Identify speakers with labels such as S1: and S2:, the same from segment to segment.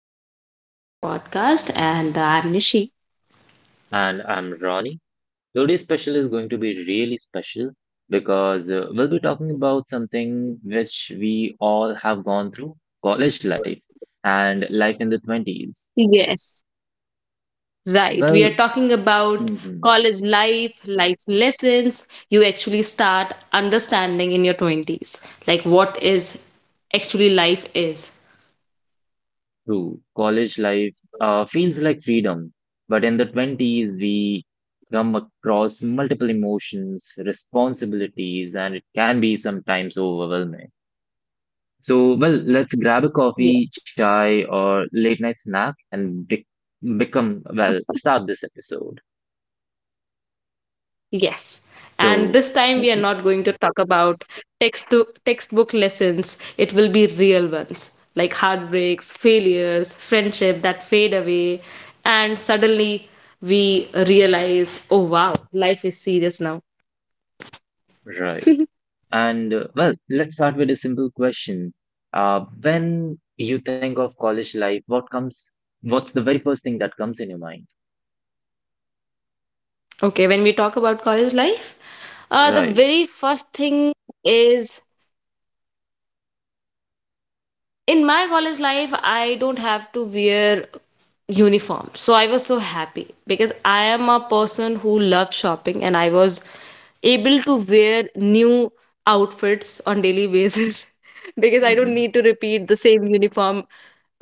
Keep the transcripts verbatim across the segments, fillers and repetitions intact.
S1: Hello, everyone. Welcome back to our podcast. And I'm Nishi.
S2: And I'm Ronnie. Today's special is going to be really special because uh, we'll be talking about something which we all have gone through college life and life in the twenties.
S1: Yes, right. We are
S2: Well,
S1: talking about
S2: mhm,
S1: college life, life lessons you actually start understanding in your twenties, like what is actually life is.
S2: true. College life uh, feels like freedom, but in the twenties, we come across multiple emotions, responsibilities, and it can be sometimes overwhelming. So, well, let's grab a coffee, chai, or late night snack and be- become, well, start this episode.
S1: Yes. And
S2: So,
S1: this time we are
S2: Nishi,
S1: not going to talk about text textbook lessons. It will be real ones like heartbreaks, failures, friendship that fade away and suddenly we realize, oh wow, life is serious now.
S2: right. And, uh, well, let's start with a simple question. Uh, when you think of college life, what comes, what's the very first thing that comes in your mind?
S1: Okay, when we talk about college life, uh, the
S2: Right.
S1: very first thing is in my college life I don't have to wear uniform, so I was so happy because I am a person who loves shopping and I was able to wear new outfits on daily basis because I don't
S2: Mm-hmm.
S1: need to repeat the same uniform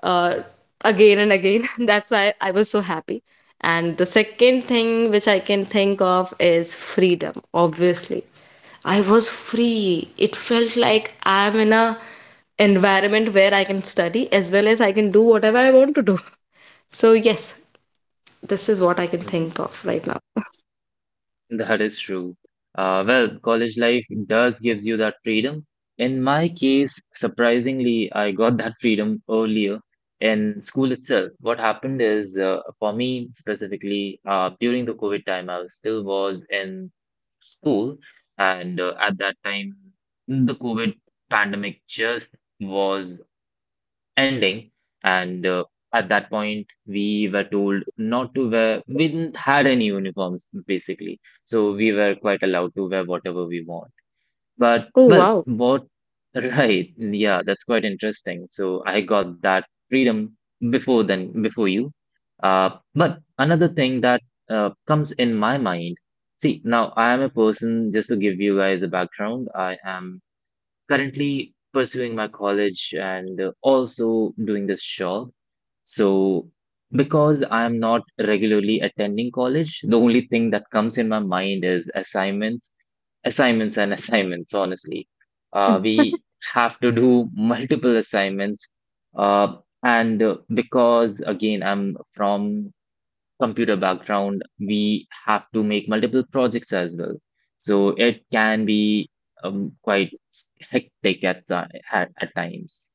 S1: uh, again and again. That's why I was so happy. And the second thing which I can think of is freedom, obviously. I was free. It felt like I'm in a environment where I can study as well as I can do whatever I want to do. So, yes, this is what I can think of right now.
S2: That is true. Uh, well, college life does gives you that freedom. In my case, surprisingly, I got that freedom earlier in school itself. What happened is, uh, for me specifically, uh, during the COVID time, I was- still was in school, and uh, at that time, the COVID pandemic just was ending and uh, at that point we were told not to wear we didn't had any uniforms basically so we were quite allowed to wear whatever we want but
S1: Oh,
S2: well
S1: wow.
S2: what right, yeah, that's quite interesting so I got that freedom before then before you uh, but another thing that uh, comes in my mind see now I am a person just to give you guys a background I am currently pursuing my college and uh, also doing this job. So, because I am not regularly attending college, the only thing that comes in my mind is assignments, assignments, and assignments, honestly. Uh, we have to do multiple assignments. Uh, and uh, Because, again, I'm from computer background, we have to make multiple projects as well. So it can be um, quite hectic at, ti- at, at times.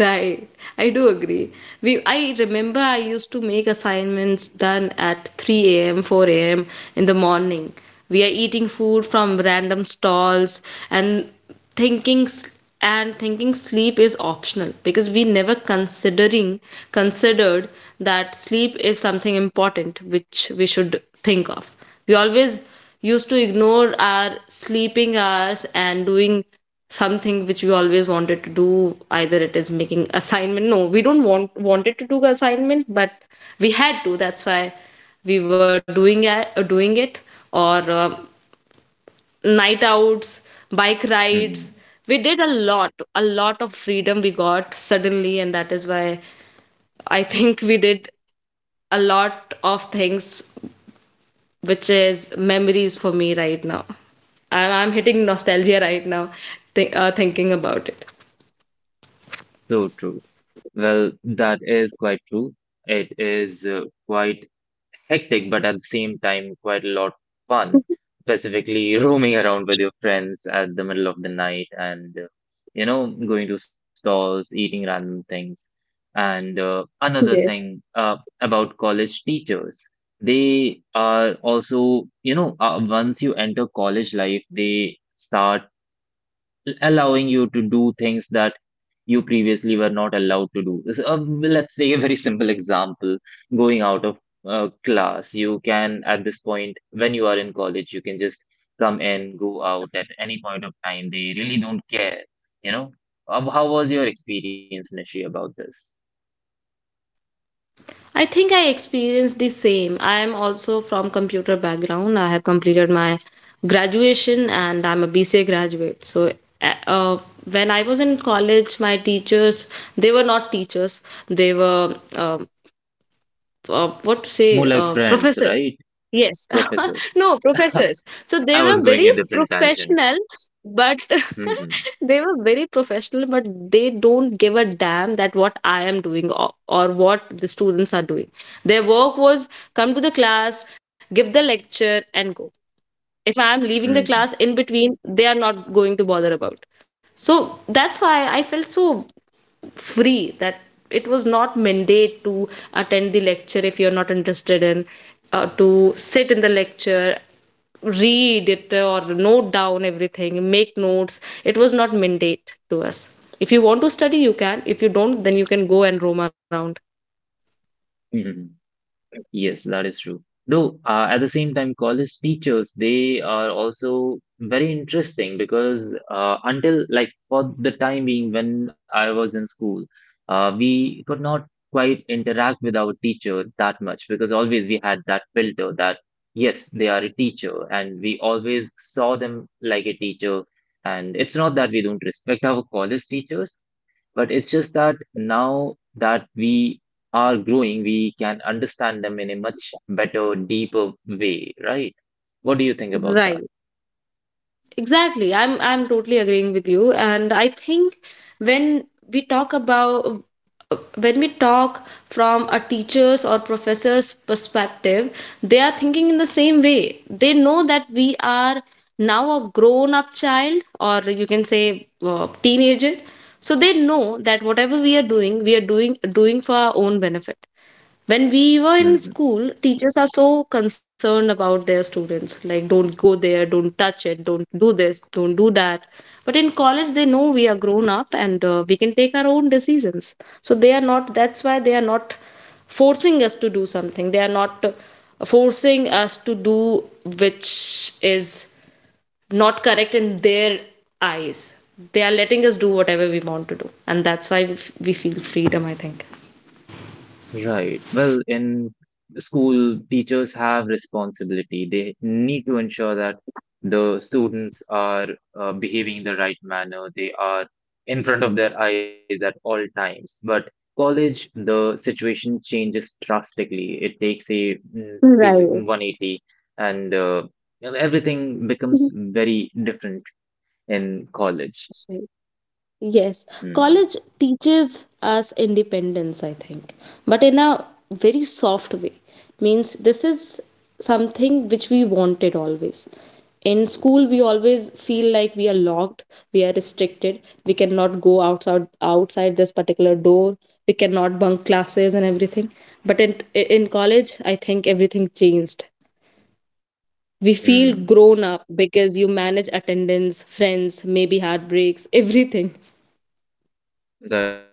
S1: Right. I do agree. We I remember I used to make assignments done at three a m, four a m in the morning. We are eating food from random stalls and thinking s- and thinking sleep is optional because we never considering considered that sleep is something important which we should think of. We always used to ignore our sleeping hours and doing something which we always wanted to do, either it is making assignment. No, we don't want wanted to do assignment, but we had to. That's why we were doing it, uh, doing it, or uh, night outs, bike rides.
S2: Mhm.
S1: We did a lot a lot of freedom we got suddenly, and that is why I think we did a lot of things which is memories for me right now. I'm, I'm hitting nostalgia right now, th- uh, thinking about it.
S2: So true. Well, that is quite true. It is uh, quite hectic, but at the same time, quite a lot fun, specifically roaming around with your friends at the middle of the night and, uh, you know, going to stalls, eating random things. And uh, another
S1: Yes.
S2: thing uh, About college teachers, they are also, you know, uh, once you enter college life, they start allowing you to do things that you previously were not allowed to do. So, uh, let's take a very simple example going out of uh, class. You can, at this point, when you are in college, you can just come in, go out at any point of time. They really don't care, you know. Um, how was your experience, Nishi, about this?
S1: I think I experienced the same. I am also from computer background. I have completed my graduation and I'm a B C A graduate. So uh, uh, when I was in college, my teachers they were not teachers. They were um uh, what to
S2: More
S1: say
S2: like
S1: uh,
S2: friends, right?
S1: professors. Yes.
S2: Professors.
S1: No, professors, so they
S2: I
S1: were
S2: was going
S1: very
S2: a different tangent.
S1: professional but
S2: Hmm.
S1: they were very professional, but they don't give a damn that what I am doing, or, or what the students are doing. Their work was come to the class, give the lecture and go. If I am leaving the class
S2: Hmm.
S1: in between, they are not going to bother about. So that's why I felt so free that it was not mandate to attend the lecture if you're not interested in uh, to sit in the lecture, read it, uh, or note down everything, make notes. It was not mandate to us. If you want to study, you can. If you don't, then you can go and roam around.
S2: Hmm. Yes, that is true. Though, uh, at the same time, college teachers, they are also very interesting because uh, until like for the time being when I was in school, uh, we could not quite interact with our teacher that much because always we had that filter that yes, they are a teacher, and we always saw them like a teacher. And it's not that we don't respect our college teachers, but it's just that now that we are growing, we can understand them in a much better, deeper way, right? What do you think about that?
S1: Right. Exactly. I'm I'm totally agreeing with you, and I think when we talk about when we talk from a teacher's or professor's perspective, they are thinking in the same way. They know that we are now a grown up child, or you can say uh, teenager. So they know that whatever we are doing, we are doing doing for our own benefit. When we were in
S2: Mhm.
S1: school, teachers are so concerned about their students. Like, don't go there, don't touch it, don't do this, don't do that. But in college, they know we are grown up, and uh, we can take our own decisions. So they are not, that's why they are not forcing us to do something. They are not uh, forcing us to do which is not correct in their eyes. They are letting us do whatever we want to do. And that's why we f- we feel freedom, I think.
S2: Right. Well, in school, teachers have responsibility. They need to ensure that the students are uh, behaving in the right manner. They are in front of their eyes at all times. But college, the situation changes drastically. It takes a mm, basic one eighty, and uh, you know, everything becomes very different in college.
S1: Mhm. Yes,
S2: Mm.
S1: college teaches us independence, I think, but in a very soft way. Means this is something which we wanted always. In school, we always feel like we are locked, we are restricted, we cannot go outside outside this particular door, we cannot bunk classes and everything. But in in college, I think everything changed. We feel grown up
S2: Mm.
S1: because you manage attendance, friends, maybe heartbreaks, everything.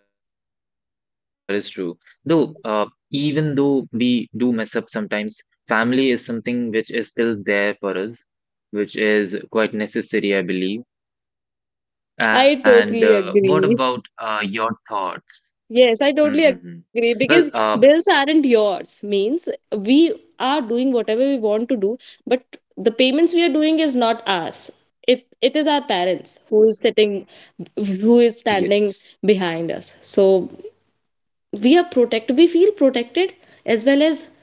S2: That is true. Though, uh, even though we do mess up sometimes, family is something which is still there for us, which is quite necessary, I believe. And uh,
S1: I
S2: what about
S1: totally
S2: uh,
S1: agree.
S2: your thoughts? Hmm.
S1: Yes, I totally
S2: Well,
S1: agree
S2: uh,
S1: because bills aren't yours. Means we are doing whatever we want to do, but the payments we are doing is not us. It it is our parents
S2: yes.
S1: who is sitting, who is standing behind us. So we are protected we feel protected as well as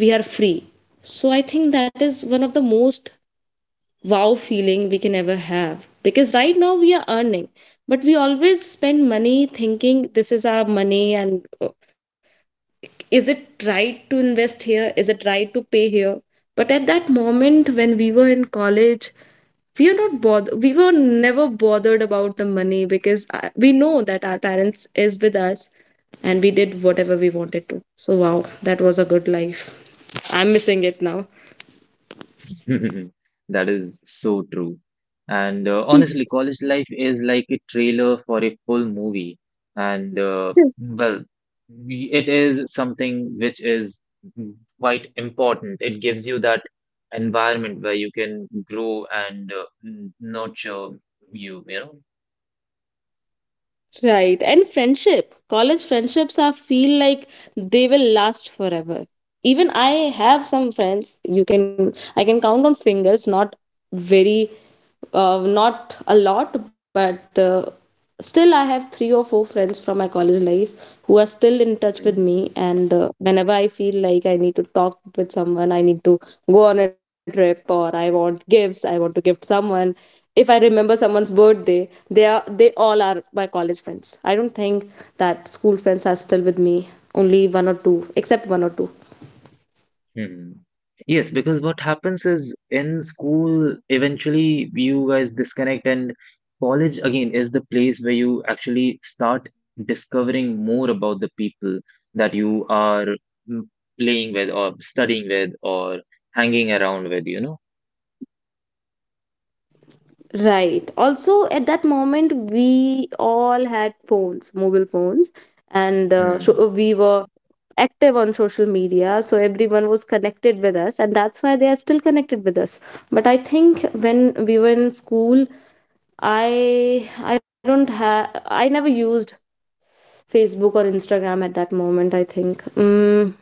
S1: we are free. So I think that is one of the most wow feeling we can ever have because right now we are earning, but we always spend money thinking this is our money, and uh, is it right to invest here, is it right to pay here. But at that moment, when we were in college, we are not bothered we were never bothered about the money because uh, we know that our parents is with us, and we did whatever we wanted to. So wow, that was a good life. I'm missing it now.
S2: That is so true. And uh, honestly, college life is like a trailer for a full movie. And uh, well, we- it is something which is quite important. It gives you that environment where you can grow and uh, n- nurture you, you know.
S1: Right. And friendship. College friendships are feel like they will last forever. Even I have some friends, you can I can count on fingers, not very uh, not a lot, but uh, still I have three or four friends from my college life who are still in touch with me. And uh, whenever I feel like I need to talk with someone, I need to go on a trip, or I want gifts, I want to gift someone, if I remember someone's birthday, they are they all are my college friends. I don't think that school friends are still with me, only one or two, except one or two.
S2: Hmm. Yes, because what happens is in school, eventually you guys disconnect, and college again is the place where you actually start discovering more about the people that you are mm, playing with, or studying with, or hanging around with, you know?
S1: Right. Also, at that moment, we all had phones, mobile phones, and uh,
S2: Hmm.
S1: so we were active on social media. So everyone was connected with us, and that's why they are still connected with us. But I think when we were in school, I I don't have I never used Facebook or Instagram at that moment, I think. Mm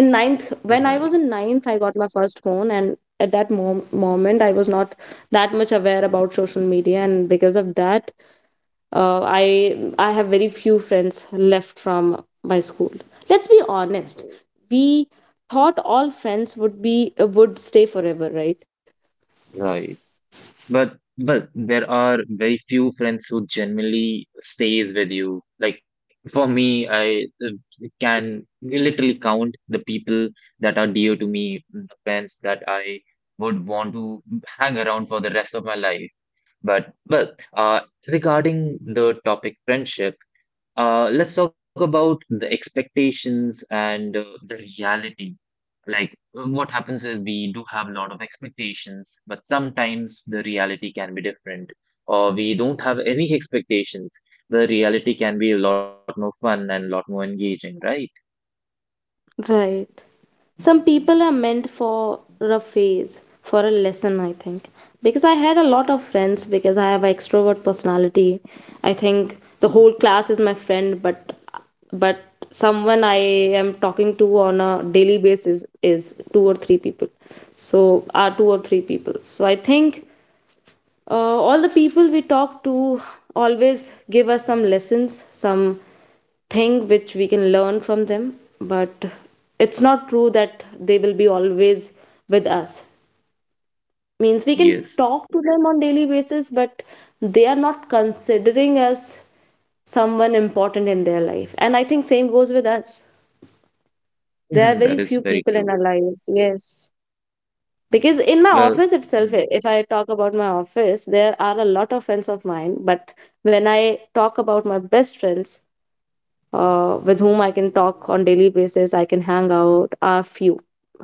S1: In ninth, when i was
S2: Right,
S1: in ninth I got my first phone. And at that mom- moment I was not that much aware about social media, and because of that, uh, i I have very few friends left from my school. Let's be honest, we thought all friends would be, uh, would stay forever, right?
S2: right. But but there are very few friends who genuinely stays with you. Like for me, I uh, can literally count the people that are dear to me, the friends that I would want to hang around for the rest of my life. But but uh, regarding the topic friendship, uh, let's talk about the expectations and uh, the reality like um, what happens is we do have a lot of expectations but sometimes the reality can be different or we don't have any expectations the reality can be a lot more fun and a lot more engaging, right?
S1: Right, some people are meant for a phase, for a lesson, I think. Because I had a lot of friends, because I have an extrovert personality, I think the whole class is my friend. But but someone I am talking to on a daily basis is two or three people. So are two or three people so I think uh, all the people we talk to always give us some lessons, some thing which we can learn from them. But it's not true that they will be always with us. Means we can
S2: Yes.
S1: talk to them on daily basis, but they are not considering us someone important in their life. And I think same goes with us.
S2: Mhm,
S1: There are
S2: that
S1: very
S2: is
S1: few
S2: very
S1: people
S2: true.
S1: in our lives. Yes. Because in my
S2: Well,
S1: office itself, i-
S2: mhm.
S1: if I talk about my office, there are a lot of friends of mine. But when I talk about my best friends, uh, with whom I can talk on daily basis, I can hang out, are few,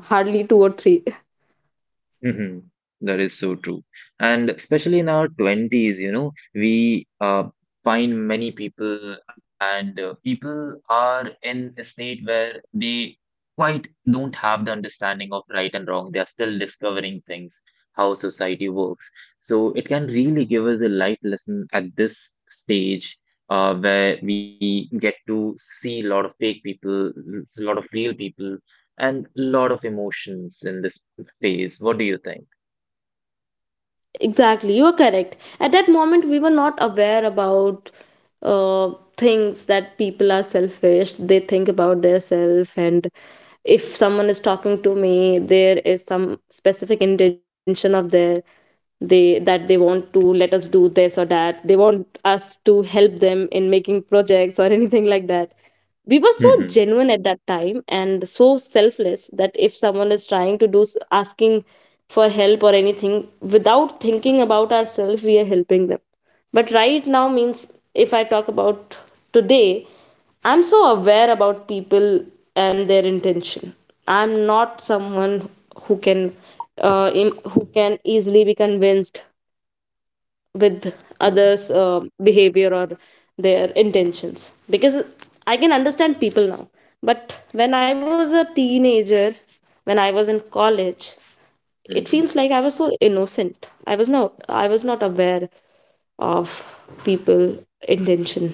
S1: hardly two or three.
S2: Mm-hmm. That is so true. And especially in our twenties, you know, we uh, find many people, and uh, people are in a state where they quite don't have the understanding of right and wrong. They are still discovering things, how society works. So it can really give us a life lesson at this stage. Uh, where we get to see a lot of fake people, a lot of real people, and a lot of emotions in this phase. What do you think?
S1: Exactly, you are correct. At that moment, we were not aware about uh, things that people are selfish. They think about their self, and if someone is talking to me, there is some specific intention of their, they that they want to let us do this, or that they want us to help them in making projects or anything like that. We were
S2: Mm-hmm.
S1: so genuine at that time and so selfless that if someone is trying to do s- asking for help or anything, without thinking about ourselves, we are helping them. But right now, means if I talk about today, I'm so aware about people and their intention. I'm not someone who can uh, im- who can easily be convinced with
S2: Mm-hmm.
S1: others' uh, behavior or their intentions, because I can understand people now. But when I was a teenager, when I was in college, it
S2: Mm-hmm.
S1: feels like I was so innocent. I was not I was not aware of people intention.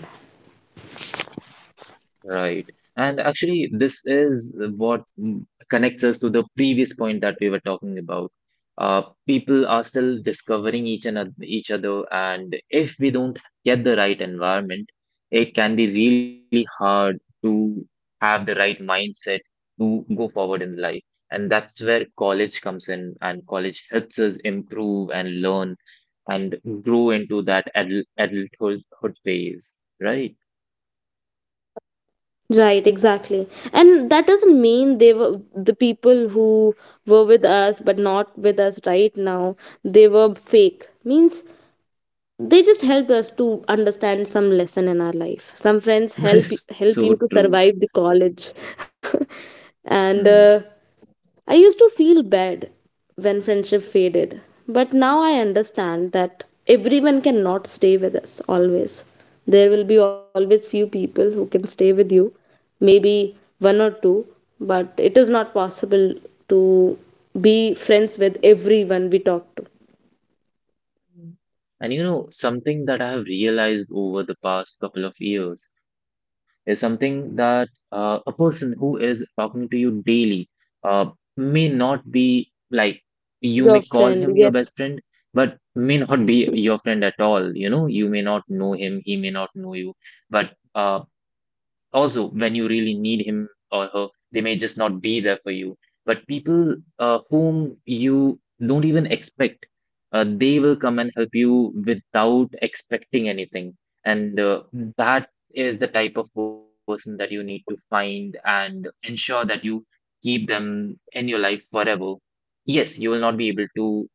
S2: Right. And actually, this is what mm, connects us to the previous point that we were talking about. Uh, People are still discovering each and each other, and if we don't get the right environment, it can be really hard to have the right mindset to go forward in life. And that's where college comes in, and college helps us improve and learn and grow into that adult adulthood phase, right?
S1: Right, exactly. And that doesn't mean they were the people who were with us but not with us right now, they were fake. Means they just helped us to understand some lesson in our life. Some friends
S2: That
S1: help
S2: is so
S1: help you
S2: true.
S1: to survive the college. and
S2: Hmm.
S1: uh, I used to feel bad when friendship faded, but now I understand that everyone cannot stay with us always. There will be always few people who can stay with you, maybe one or two, but it is not possible to be friends with everyone we talk to.
S2: Mm. And you know, something that I have realized over the past couple of years is something that uh, a person who is talking to you daily uh, may not be like you may
S1: Your
S2: call
S1: friend,
S2: him your
S1: yes.
S2: best friend, but may not be your friend at all. You know, you may not know him, he may not know you, but uh, also when you really need him or her, they may just not be there for you. But people uh, whom you don't even expect uh, they will come and help you without expecting anything. And uh, that is the type of person that you need to find and ensure that you keep them in your life forever. Yes, you will not be able to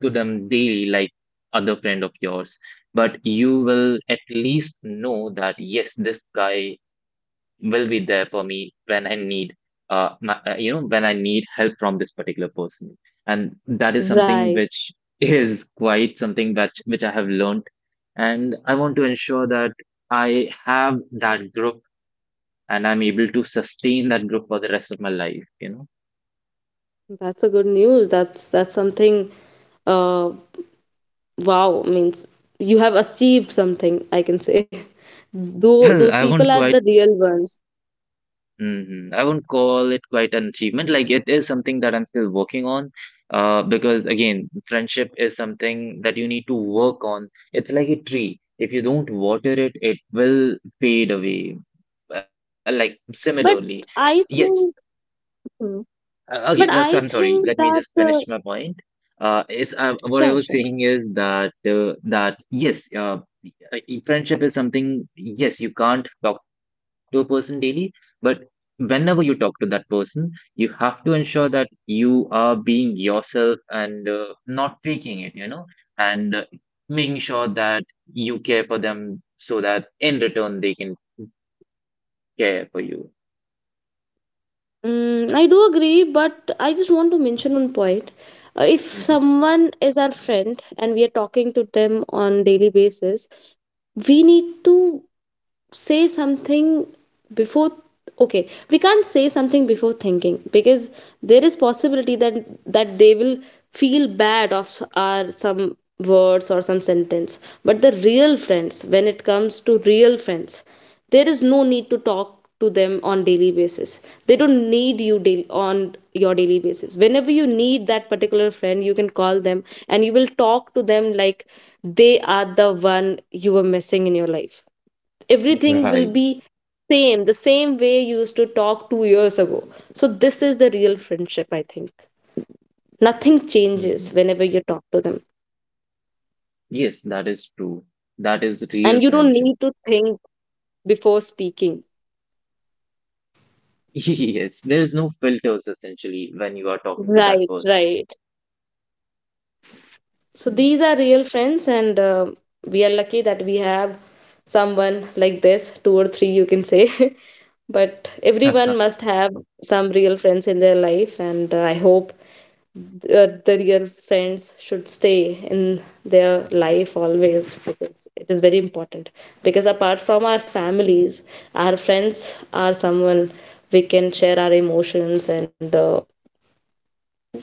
S2: to them daily like other friend of yours, but you will at least know that yes, this guy will be there for me when I need uh, my, uh, you know when I need help from this particular person and that is something
S1: Right.
S2: which is quite something that which I have learned, and I want to ensure that I have that group and I'm able to sustain that group for the rest of my life. You know,
S1: That's a good news. That's that's something. Uh, wow, means you have achieved something, I can say. Though those
S2: well, I
S1: people
S2: won't
S1: are the
S2: quite.
S1: real ones.
S2: Mhm, I won't call it quite an achievement. Like it is something that I'm still working on, uh, because again, friendship is something that you need to work on. It's like a tree. If you don't water it, it will fade away, uh, like similarly.
S1: But
S2: Yes,
S1: I think, Hmm.
S2: Uh, okay, no,
S1: but
S2: so I'm
S1: I
S2: sorry. Let
S1: think
S2: me just
S1: that
S2: finish
S1: uh,
S2: my point. Uh, it's uh, What I
S1: Sure,
S2: was
S1: sure.
S2: saying is that uh, that yes, uh, uh, e- friendship is something. Yes, you can't talk to a person daily, but whenever you talk to that person, you have to ensure that you are being yourself and uh, not faking it, you know, and uh, making sure that you care for them so that in return they can care for you.
S1: Mm, I do agree, but I just want to mention one point. Uh, if
S2: Mhm.
S1: someone is our friend and we are talking to them on daily basis, we need to say something before. Okay, we can't say something before thinking, because there is possibility that that they will feel bad of our some words or some sentence. But the real friends, when it comes to real friends, there is no need to talk to them on daily basis. They don't need you daily on your daily basis. Whenever you need that particular friend, you can call them and you will talk to them like they are the one you were missing in your life. Everything will
S2: Right.
S1: be same, the same way you used to talk two years ago. So this is the real friendship, I think. Nothing changes
S2: Mhm.
S1: whenever you talk to them.
S2: Yes, that is true. That is real
S1: And you don't
S2: friendship.
S1: need to think before speaking.
S2: Yes, there is no filters essentially when you are talking to that person.
S1: Right, right.
S2: Mm.
S1: So these are real friends, and uh, we are lucky that we have someone like this, two or three, you can say. But everyone must have some real friends in their life, and uh, I hope uh, the real friends should stay in their life always, because it is very important. Because apart from our families, our friends are someone we can share our emotions, and uh,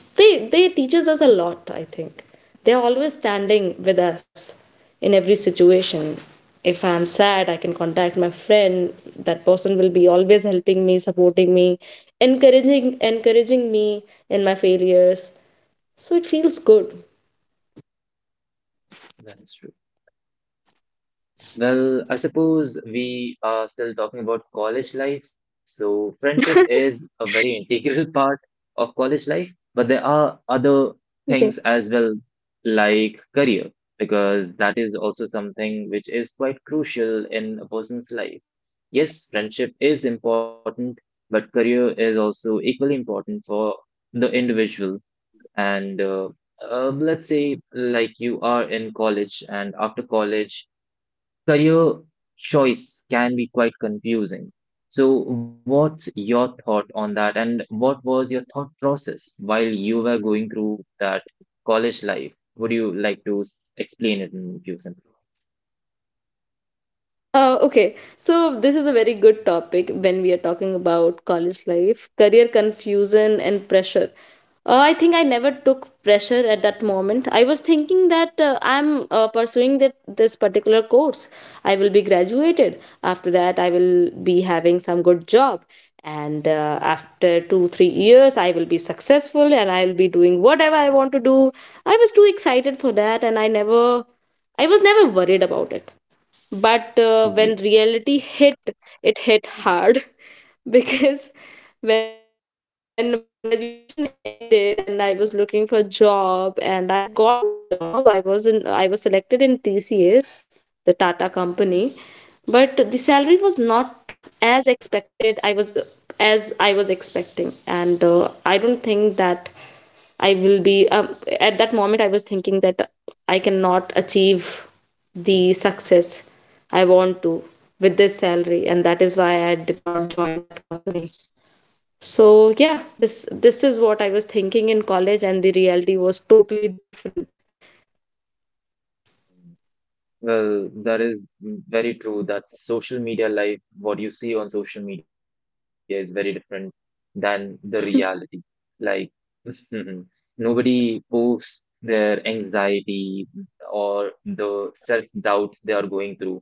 S1: they they teaches us a lot, I think. They're always standing with us in every situation. If I'm sad, I can contact my friend. That person will be always helping me, supporting me, encouraging encouraging me in my failures. So it feels good.
S2: That is true. Well, I suppose we are still talking about college life. So, friendship is a very integral part of college life, but there are other
S1: Yes.
S2: things as well, like career, because that is also something which is quite crucial in a person's life. Yes, friendship is important, but career is also equally important for the individual. And uh, uh, Let's say, like, you are in college, and after college, career choice can be quite confusing. So, what's your thought on that, and what was your thought process while you were going through that college life? Would you like to s- explain it in a few sentences?
S1: Uh, okay, so this is a very good topic when we are talking about college life, career confusion, and pressure. Uh, I think I never took pressure at that moment. I was thinking that uh, I'm uh, pursuing that this particular course. I will be graduated. After that, I will be having some good job, and uh, after two three years, I will be successful, and I will be doing whatever I want to do. I was too excited for that, and I never, I was never worried about it. But uh, When
S2: Yes.
S1: reality hit, it hit hard. Because when my graduation ended and I was looking for a job, and I got one job, i was in I was selected in TCS, the Tata company. But the salary was not as expected. I was As I was expecting. And uh, I don't think that I will be um, at that moment I was thinking that I cannot achieve the success I want to with this salary, and that is why I did not join that company. So yeah, this this is what I was thinking in college, and the reality was totally different.
S2: Well, that is very true that social media life, what you see on social media is very different than the reality. Like, nobody posts their anxiety or the self-doubt they are going through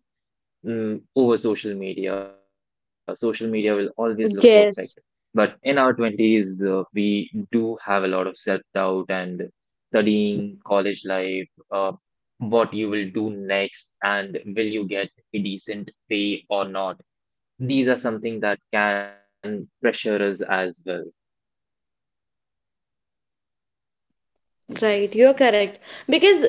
S2: mm, over social media. Social media will always look perfect. But
S1: Yes.
S2: in our twenties, uh, we do have a lot of self-doubt and studying college life, uh, what you will do next, and will you get a decent pay or not. These are something that can pressure us as well.
S1: Right, you're correct. Because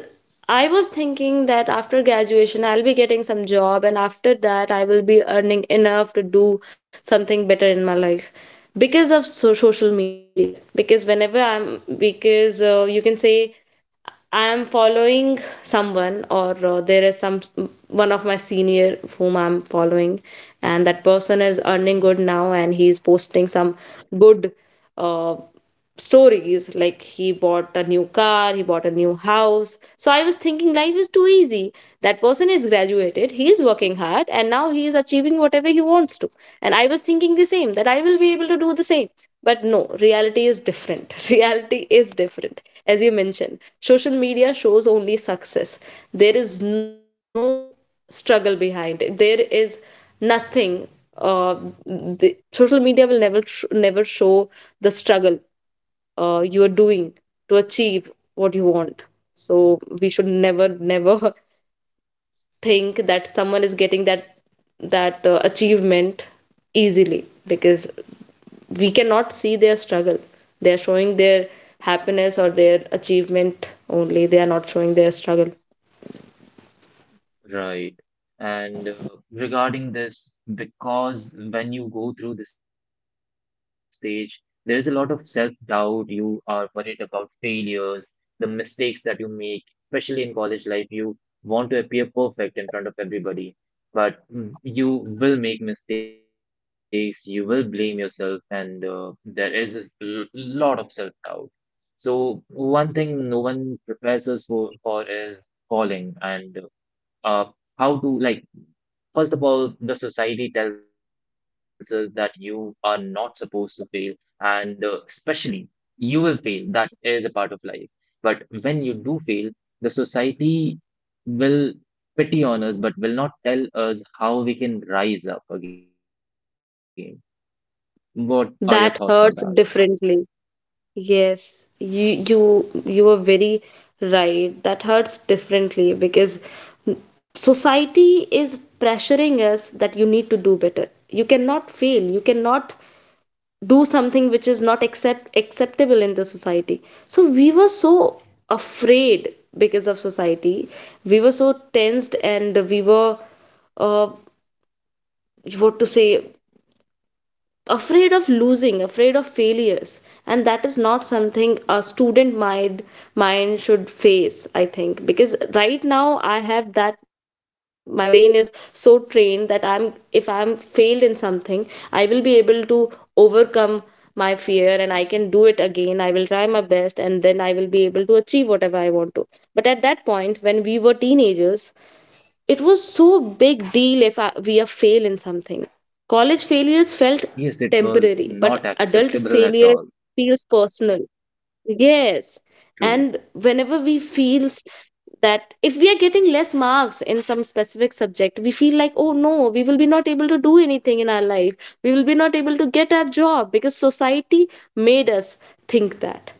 S1: I was thinking that after graduation, I'll be getting some job, and after that, I will be earning enough to do something better in my life because of so- social media. Because whenever I'm, because uh, you can say I am following someone, or uh, there is some one of my senior whom I'm following, and that person
S2: Mm.
S1: is earning good now, and he's posting some good. Uh, Stories like he bought a new car, he bought a new house. So I was thinking life is too easy. That person is graduated, he is working hard, and now he is achieving whatever he wants to. And I was thinking the same, that I will be able to do the same. But no, reality is different. Reality is different. As you mentioned, social media shows only success. There is no struggle behind it. There is nothing. Uh, the, Social media will never tr- never show the struggle uh, you are doing to achieve what you want. So we should never never think that someone is getting that that uh, achievement easily, because we cannot see their struggle. They are showing their happiness or their achievement only. They are not showing their struggle.
S2: Right. And uh, regarding this, because when you go through the stage, there is a lot of self-doubt. You are worried about failures, the mistakes that you make, especially in college life. You want to appear perfect in front of everybody, but mm, you will make mistakes. You will blame yourself, and uh, there is a l- lot of self-doubt. So one thing no one prepares us for, for is falling. And uh, uh, how to, like, first of all, the society tells us that you are not supposed to fail, and uh, especially, you will fail, that is a part of life. But when you do fail, the society will pity on us but will not tell us how we can rise up again. What are your thoughts on that?
S1: That hurts differently. Yes, you you you were very right. That hurts differently, because society is pressuring us that you need to do better. You cannot fail. You cannot do something which is not accept acceptable in the society. So we were so afraid because of society. We were so tensed, and we were uh what to say, afraid of losing, afraid of failures. And that is not something a student mind mind should face, I think. Because right now I have that, my brain is so trained that I'm if I'm failed in something, I will be able to overcome my fear, and I can do it again. I will try my best, and then I will be able to achieve whatever I want to. But at that point, when we were teenagers, it was so big deal if I, we are fail in something. College failures
S2: Yes, it
S1: felt
S2: was not
S1: temporary, but
S2: acceptable
S1: adult
S2: at all.
S1: failure feels personal. Yes.
S2: True.
S1: And whenever we feel s- that if we are getting less marks in some specific subject, we feel like, oh no, we will be not able to do anything in our life, we will be not able to get our job, because society made us think that.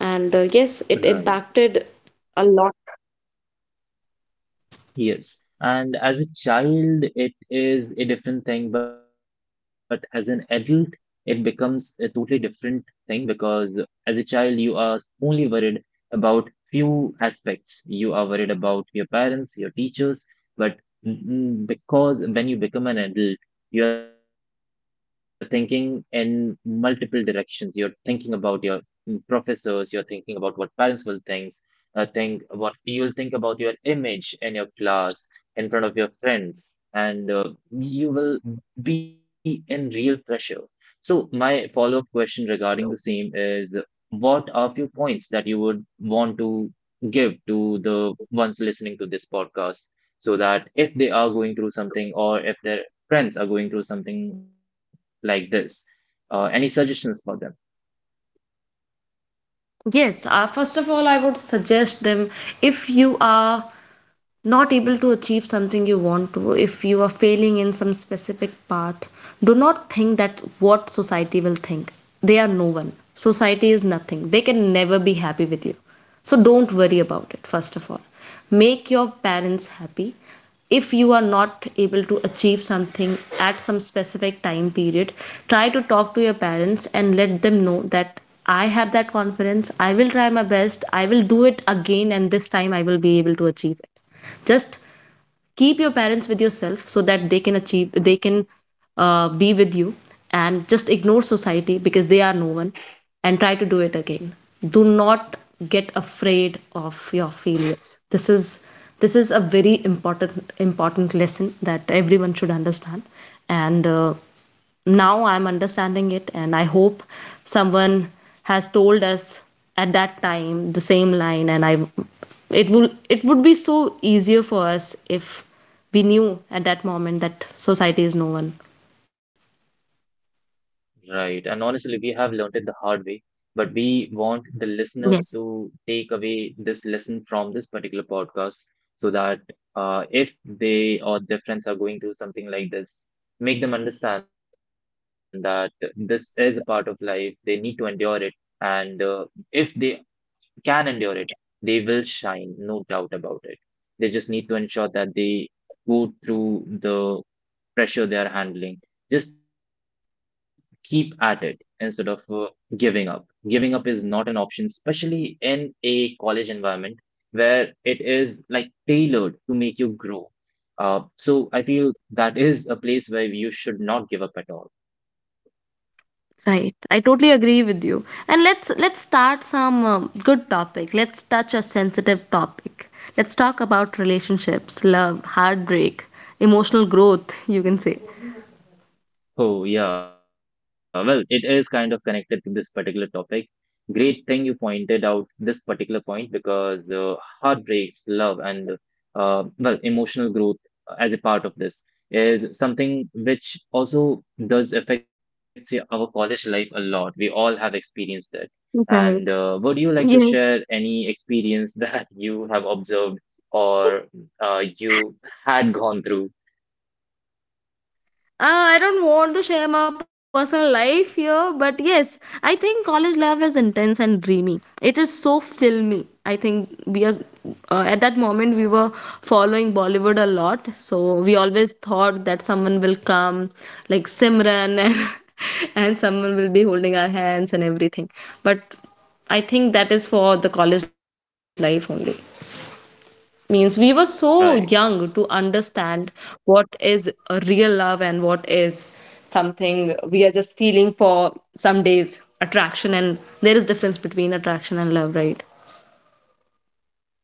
S1: And uh, yes, it
S2: Right.
S1: impacted a lot.
S2: Yes. And as a child, it is a different thing, but as an adult, it becomes a totally different thing, because as a child, you are only worried about few aspects. You are worried about your parents, your teachers, but mm, because when you become an adult, you are thinking in multiple directions. You're thinking about your mm, professors, you're thinking about what parents will think, uh, think what you will think about your image in your class, in front of your friends, and uh, you will be in real pressure. So, my follow up question regarding the same is, what are few points that you would want to give to the ones listening to this podcast, so that if they are going through something or if their friends are going through something like this, uh, any suggestions for them?
S1: Yes, uh, first of all, I would suggest them, if you are not able to achieve something you want to, if you are failing in some specific part, do not think that what society will think. They are no one. Society is nothing. They can never be happy with you. So don't worry about it, first of all. Make your parents happy. If you are not able to achieve something at some specific time period, try to talk to your parents and let them know that I have that confidence. I will try my best. I will do it again, and this time I will be able to achieve it. Just keep your parents with yourself so that they can achieve, they can uh, be with you, and just ignore society because they are no one, and try to do it again. Do not get afraid of your failures. This is this is a very important important lesson that everyone should understand. And uh, now I'm understanding it, and I hope someone has told us at that time the same line, and I it will it would be so easier for us if we knew at that moment that society is no one.
S2: Right. And honestly, we have learned it the hard way, but we want the listeners to
S1: Yes,
S2: take away this lesson from this particular podcast, so that uh, if they or their friends are going through something like this, make them understand that this is a part of life. They need to endure it. And uh, if they can endure it, they will shine, no doubt about it. They just need to ensure that they go through the pressure they are handling. Just keep at it instead of uh, giving up. Giving up is not an option, especially in a college environment where it is like tailored to make you grow. Uh, so I feel that is a place where you should not give up at all.
S1: right. I totally agree with you. And let's let's start some um, good topic. Let's touch a sensitive topic. Let's talk about relationships, love, heartbreak, emotional growth, you can say.
S2: Oh, yeah. Well, it is kind of connected to this particular topic. Great thing you pointed out this particular point, because uh, heartbreaks, love, and uh, well, emotional growth as a part of this is something which also does affect y- our college life a lot. We all have experienced it. And uh,
S1: Right.
S2: would you like to share
S1: Yes.
S2: any experience that you have observed or uh, you had gone through?
S1: Uh, I don't want to share my personal life here, but yes, I think college love is intense and dreamy. It is so filmy. I think we are uh, at that moment we were following Bollywood a lot, so we always thought that someone will come, like Simran, and and someone will be holding our hands and everything. But I think that is for the college life only. Means we were so
S2: Right.
S1: young to understand what is a real love and what is something we are just feeling for some days. Attraction. And there is difference between attraction and love, right?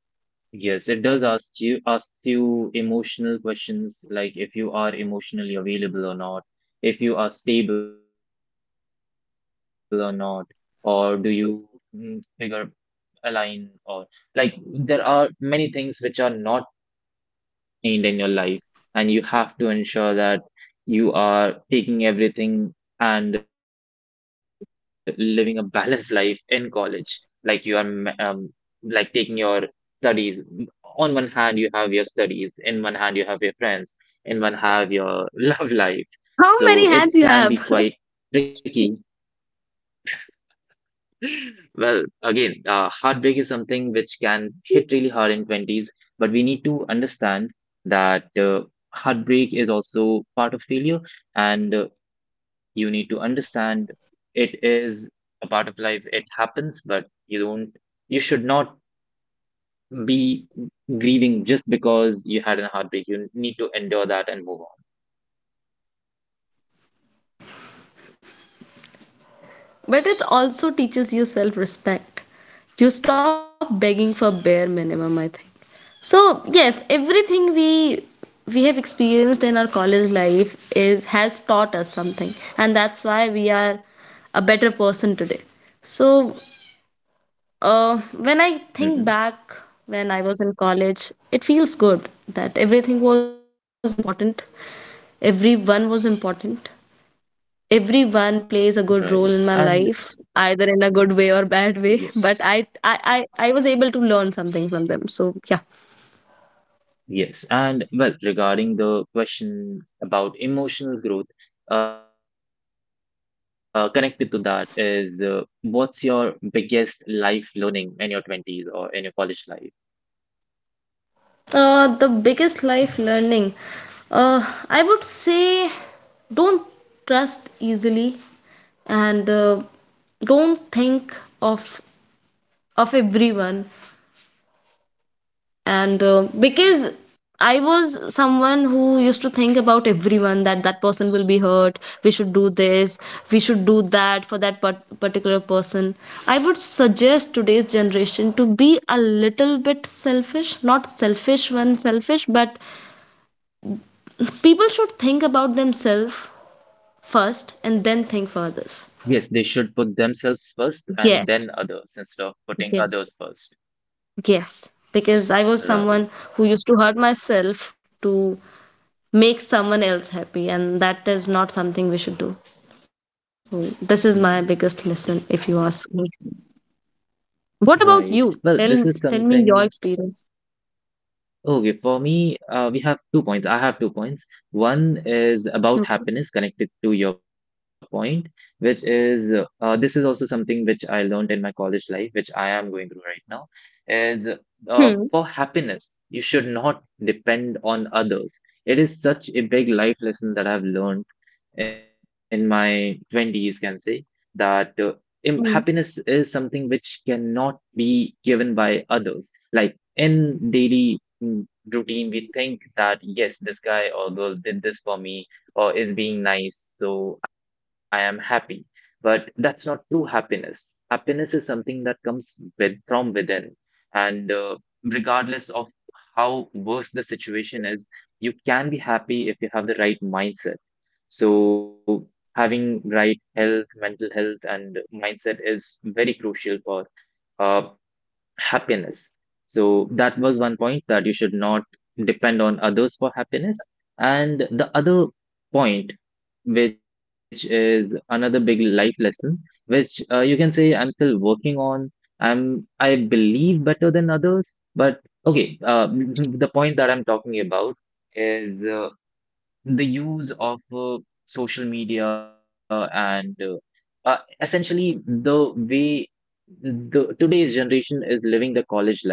S2: Yes, it does ask you asks you emotional questions, like if you are emotionally available or not, if you are stable or not, or do you mm, figure align, or like there are many things which are not need in your life, and you have to ensure that you are taking everything and living a balanced life in college, like you are um, like taking your studies on one hand you have your studies in one hand, you have your friends in one, have your love life. So it can be
S1: How
S2: quite
S1: many hands you have.
S2: tricky. Well, again, uh, heartbreak is something which can hit really hard in twenties, but we need to understand that uh, heartbreak is also part of failure, and uh, you need to understand it is a part of life. It happens, but you don't, you should not be grieving just because you had a heartbreak. You need to endure that and move on.
S1: But it also teaches you self respect. You stop begging for bare minimum, I think. So yes, everything we we have experienced in our college life is has taught us something, and that's why we are a better person today. So uh, when I think
S2: Hmm.
S1: back, when I was in college, it feels good that everything was important, everyone was important, everyone
S2: Right.
S1: plays a good
S2: And
S1: role in my life, either in a good way or bad
S2: yes.
S1: way. But I, I i i was able to learn something from them. So yeah.
S2: Yes, and well, regarding the question about emotional growth, uh, connected to that is, uh, what's your biggest life learning in your twenties or in your college life?
S1: Uh the biggest life learning, uh I would say, don't trust easily, and uh, don't think of of everyone. And uh,
S2: Hmm.
S1: because I was someone who used to think about everyone, that that person will be hurt, we should do this, we should do that for that part- particular person. I would suggest today's generation to be a little bit selfish. Not selfish when selfish but people should think about themselves first and then
S2: Yes, they
S1: think for
S2: should put
S1: others.
S2: themselves first and then others instead
S1: Yes,
S2: of putting others first.
S1: yes, yes. Because
S2: Right.
S1: I was someone who used to hurt myself to make someone else happy, and that is not something we should do. So this is my biggest
S2: Mm.
S1: lesson, if you ask me. What about you,
S2: Right.
S1: tell
S2: Well, this is
S1: tell me your
S2: something.
S1: experience.
S2: Okay, for me, uh, we have two points. I have two points. One is about
S1: Okay.
S2: happiness, connected to your point, which is uh, this is also something which I learned in my college life, which I am going through right now, is uh,
S1: Hmm.
S2: for happiness, you should not depend on others. It is such a big life lesson that I've learned in my twenties, can say, that uh, im- happiness
S1: Hmm.
S2: is something which cannot be given by others. Like in daily mm, routine, we think that yes, this guy or girl did this for me or is being nice, so I am happy. But that's not true happiness. Happiness is something that comes with from within, and uh, regardless of how worse the situation is, you can be happy if you have the right mindset. So having right health, mental health and mindset is very crucial for uh, happiness. So that was one point, that you should not depend on others for happiness. And the other point, which is another big life lesson, which uh, you can say I'm still working on. I'm I believe better than others, but okay. Uh, the point that I'm talking about is uh, the use of uh, social media, and uh, uh, essentially the way the today's generation is living the college life.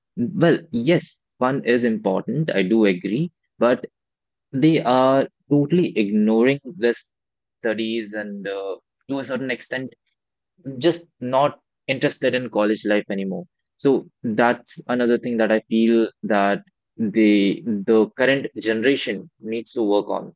S2: Well, yes, fun is important, I do agree, but they are totally ignoring the studies, and uh, to a certain extent just not interested in college life anymore. So that's another thing that I feel, that the the current generation needs to work on,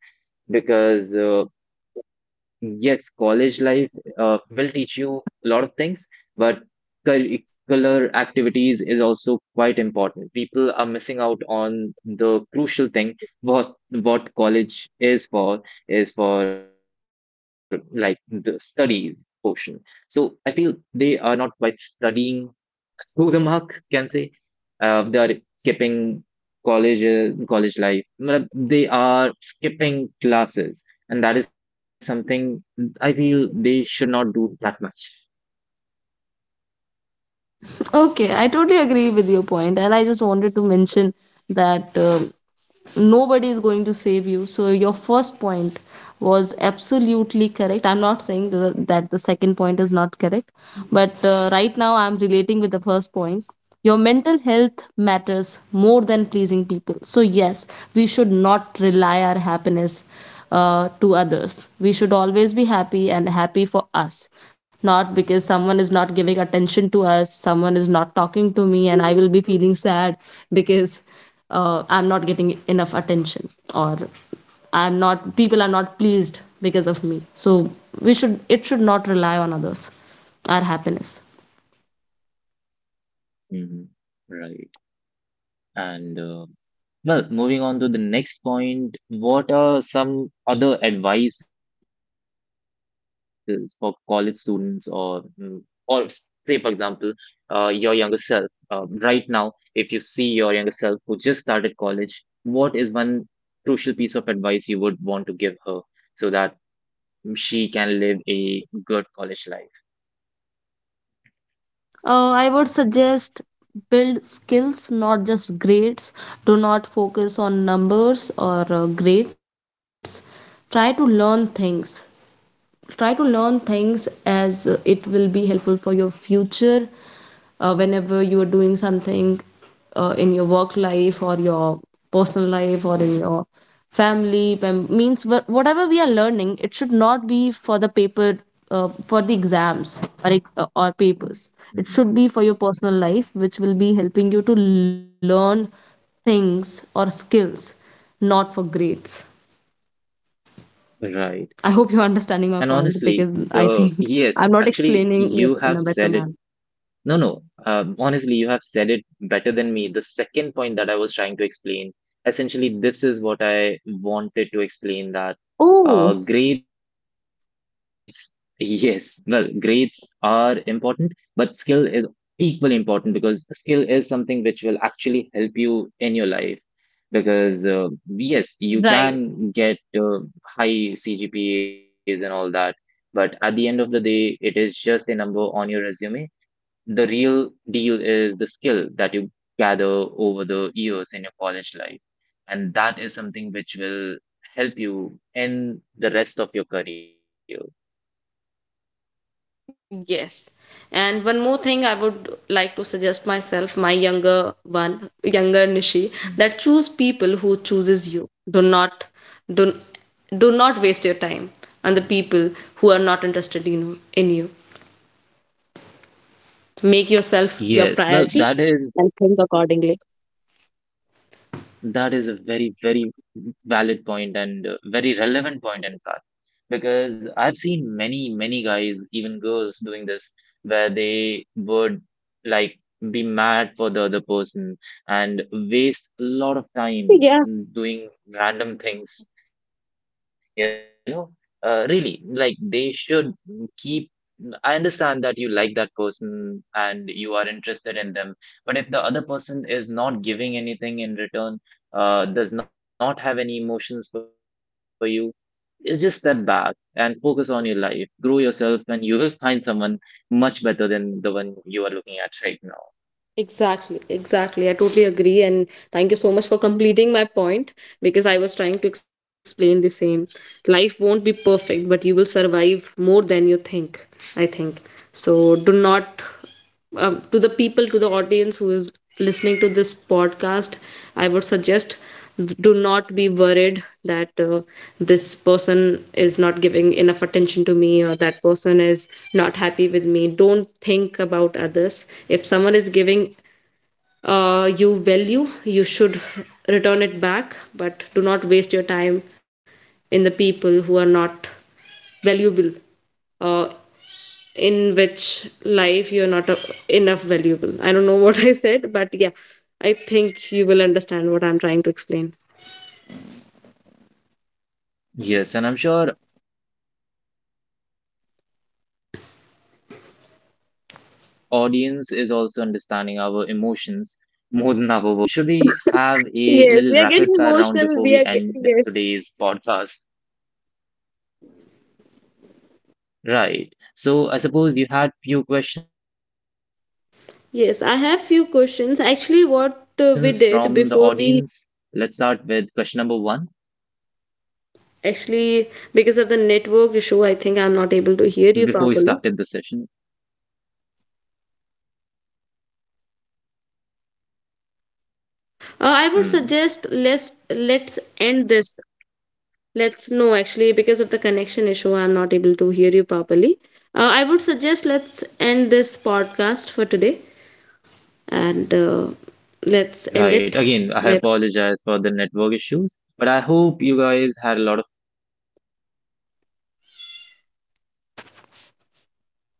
S2: because uh, yes, college life uh, will teach you a lot of things, but curricular activities is also quite important. People are missing out on the crucial thing, what what college is for, is for like the studies portion. So I feel they are not quite studying to the mark, can say. Uh, they are skipping college, uh, college life. Matlab, they are skipping classes, and that is something I feel they should not do that much.
S1: Okay, I totally agree with your point, and I just wanted to mention that. Um, nobody is going to save you. So your first point was absolutely correct. I'm not saying the, that the second point is not correct, but uh, right now I'm relating with the first point. Your mental health matters more than pleasing people. So yes, we should not rely our happiness uh, to others. We should always be happy and happy for us, not because someone is not giving attention to us, someone is not talking to me and I will be feeling sad because uh, I'm not getting enough attention, or I'm not people are not pleased because of me. So we should it should not rely on others, our happiness.
S2: Hmm. Right. And uh, well, moving on to the next point, what are some other advices for college students, or mm, or s- say for example, uh, your younger self, uh, right now, if you see your younger self who just started college, what is one crucial piece of advice you would want to give her, so that she can live a good college life?
S1: Uh, I would suggest build skills, not just grades. Do not focus on numbers or uh, grades. Try to learn things, try to learn things as uh, it will be helpful for your future. Uh, whenever you are doing something uh, in your work life or your personal life or in your family mem- means wha- whatever we are learning, it should not be for the paper, uh, for the exams or, ex- uh, or papers.
S2: Mhm.
S1: It should be for your personal life, which will be helping you to learn things or skills, not for grades.
S2: Right.
S1: I hope you're
S2: And
S1: understanding
S2: honestly,
S1: my point
S2: the
S1: because I
S2: yes,
S1: think I'm
S2: actually,
S1: not
S2: you have
S1: explaining it
S2: said
S1: in a
S2: it.
S1: better manner.
S2: No, no. Um, honestly, you have said it better than me. The second point that I was trying to explain, essentially, this is what I wanted to explain, that
S1: Oh,
S2: uh, grades, yes, well, grades are important, but skill is equally important, because skill is something which will actually help you in your life. Because, uh, yes, you
S1: right.
S2: can get uh, high C G P As and all that, but at the end of the day, it is just a number on your resume. The real deal is the skill that you gather over the years in your college life. And that is something which will help you in the rest of your career.
S1: Yes. And one more thing I would like to suggest myself, my younger one, younger Nishi, that
S2: Mhm.
S1: choose people who chooses you. Do not do, do not waste your time on the people who are not interested in, in you. Make
S2: Yes, well,
S1: yourself your
S2: that is
S1: priority and think accordingly.
S2: that is a very, very valid point, and uh, very relevant point, in fact. Because I've seen many, many guys, even girls, doing this, where they would like be mad for the other person and waste a lot of time
S1: Yeah.
S2: doing random things, you know. Uh, really, like they should keep. I understand that you like that person and you are interested in them, but if the other person is not giving anything in return, uh, does not have any emotions for you, you just step back and focus on your life. Grow yourself, and you will find someone much better than the one you are looking at right now.
S1: Exactly, exactly. I totally agree. And thank you so much for completing my point, because I was trying to explain the same. Life won't be perfect, but you will survive more than you think, I think. So do not um, to the people, to the audience who is listening to this podcast, I would suggest do not be worried that uh, this person is not giving enough attention to me, or that person is not happy with me. Don't think about others. If someone is giving uh, you value, you should return it back. But do not waste your time in the people who are not valuable uh, in which life you're not a, enough valuable. I don't know what I said, but yeah, I think you will understand what I'm trying to explain.
S2: Yes, and I'm sure audience is also understanding our emotions more than our words, so I'm pretty sure they have got our message. Well, moving on, should we have a little rapid fire round before we end today's podcast? Right. So I suppose
S1: Yes,
S2: you
S1: I
S2: had
S1: have
S2: few
S1: few
S2: questions
S1: questions.
S2: from the
S1: Actually, what
S2: audience.
S1: uh, we
S2: Let's
S1: did
S2: start with
S1: before
S2: question number
S1: we
S2: one
S1: actually, because of the network issue, I think I'm not able to hear you properly.
S2: before we started the session. Mhm.
S1: Uh, I would
S2: Well,
S1: suggest
S2: okay.
S1: let's
S2: Uh, am I
S1: let's
S2: audible right
S1: end
S2: now?
S1: this. Let's no actually, because of the connection issue, I'm not able to hear you properly. Uh, I would suggest let's end this podcast for today. And uh, let's end
S2: Right.
S1: it.
S2: Again, I
S1: Let's
S2: apologize for the network issues, but I hope you guys had a lot of fun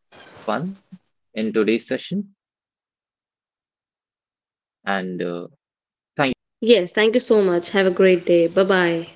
S2: in today's session, and uh, thank you
S1: yes,
S2: for
S1: thank you so
S2: joining.
S1: much. Have a great day. Bye bye.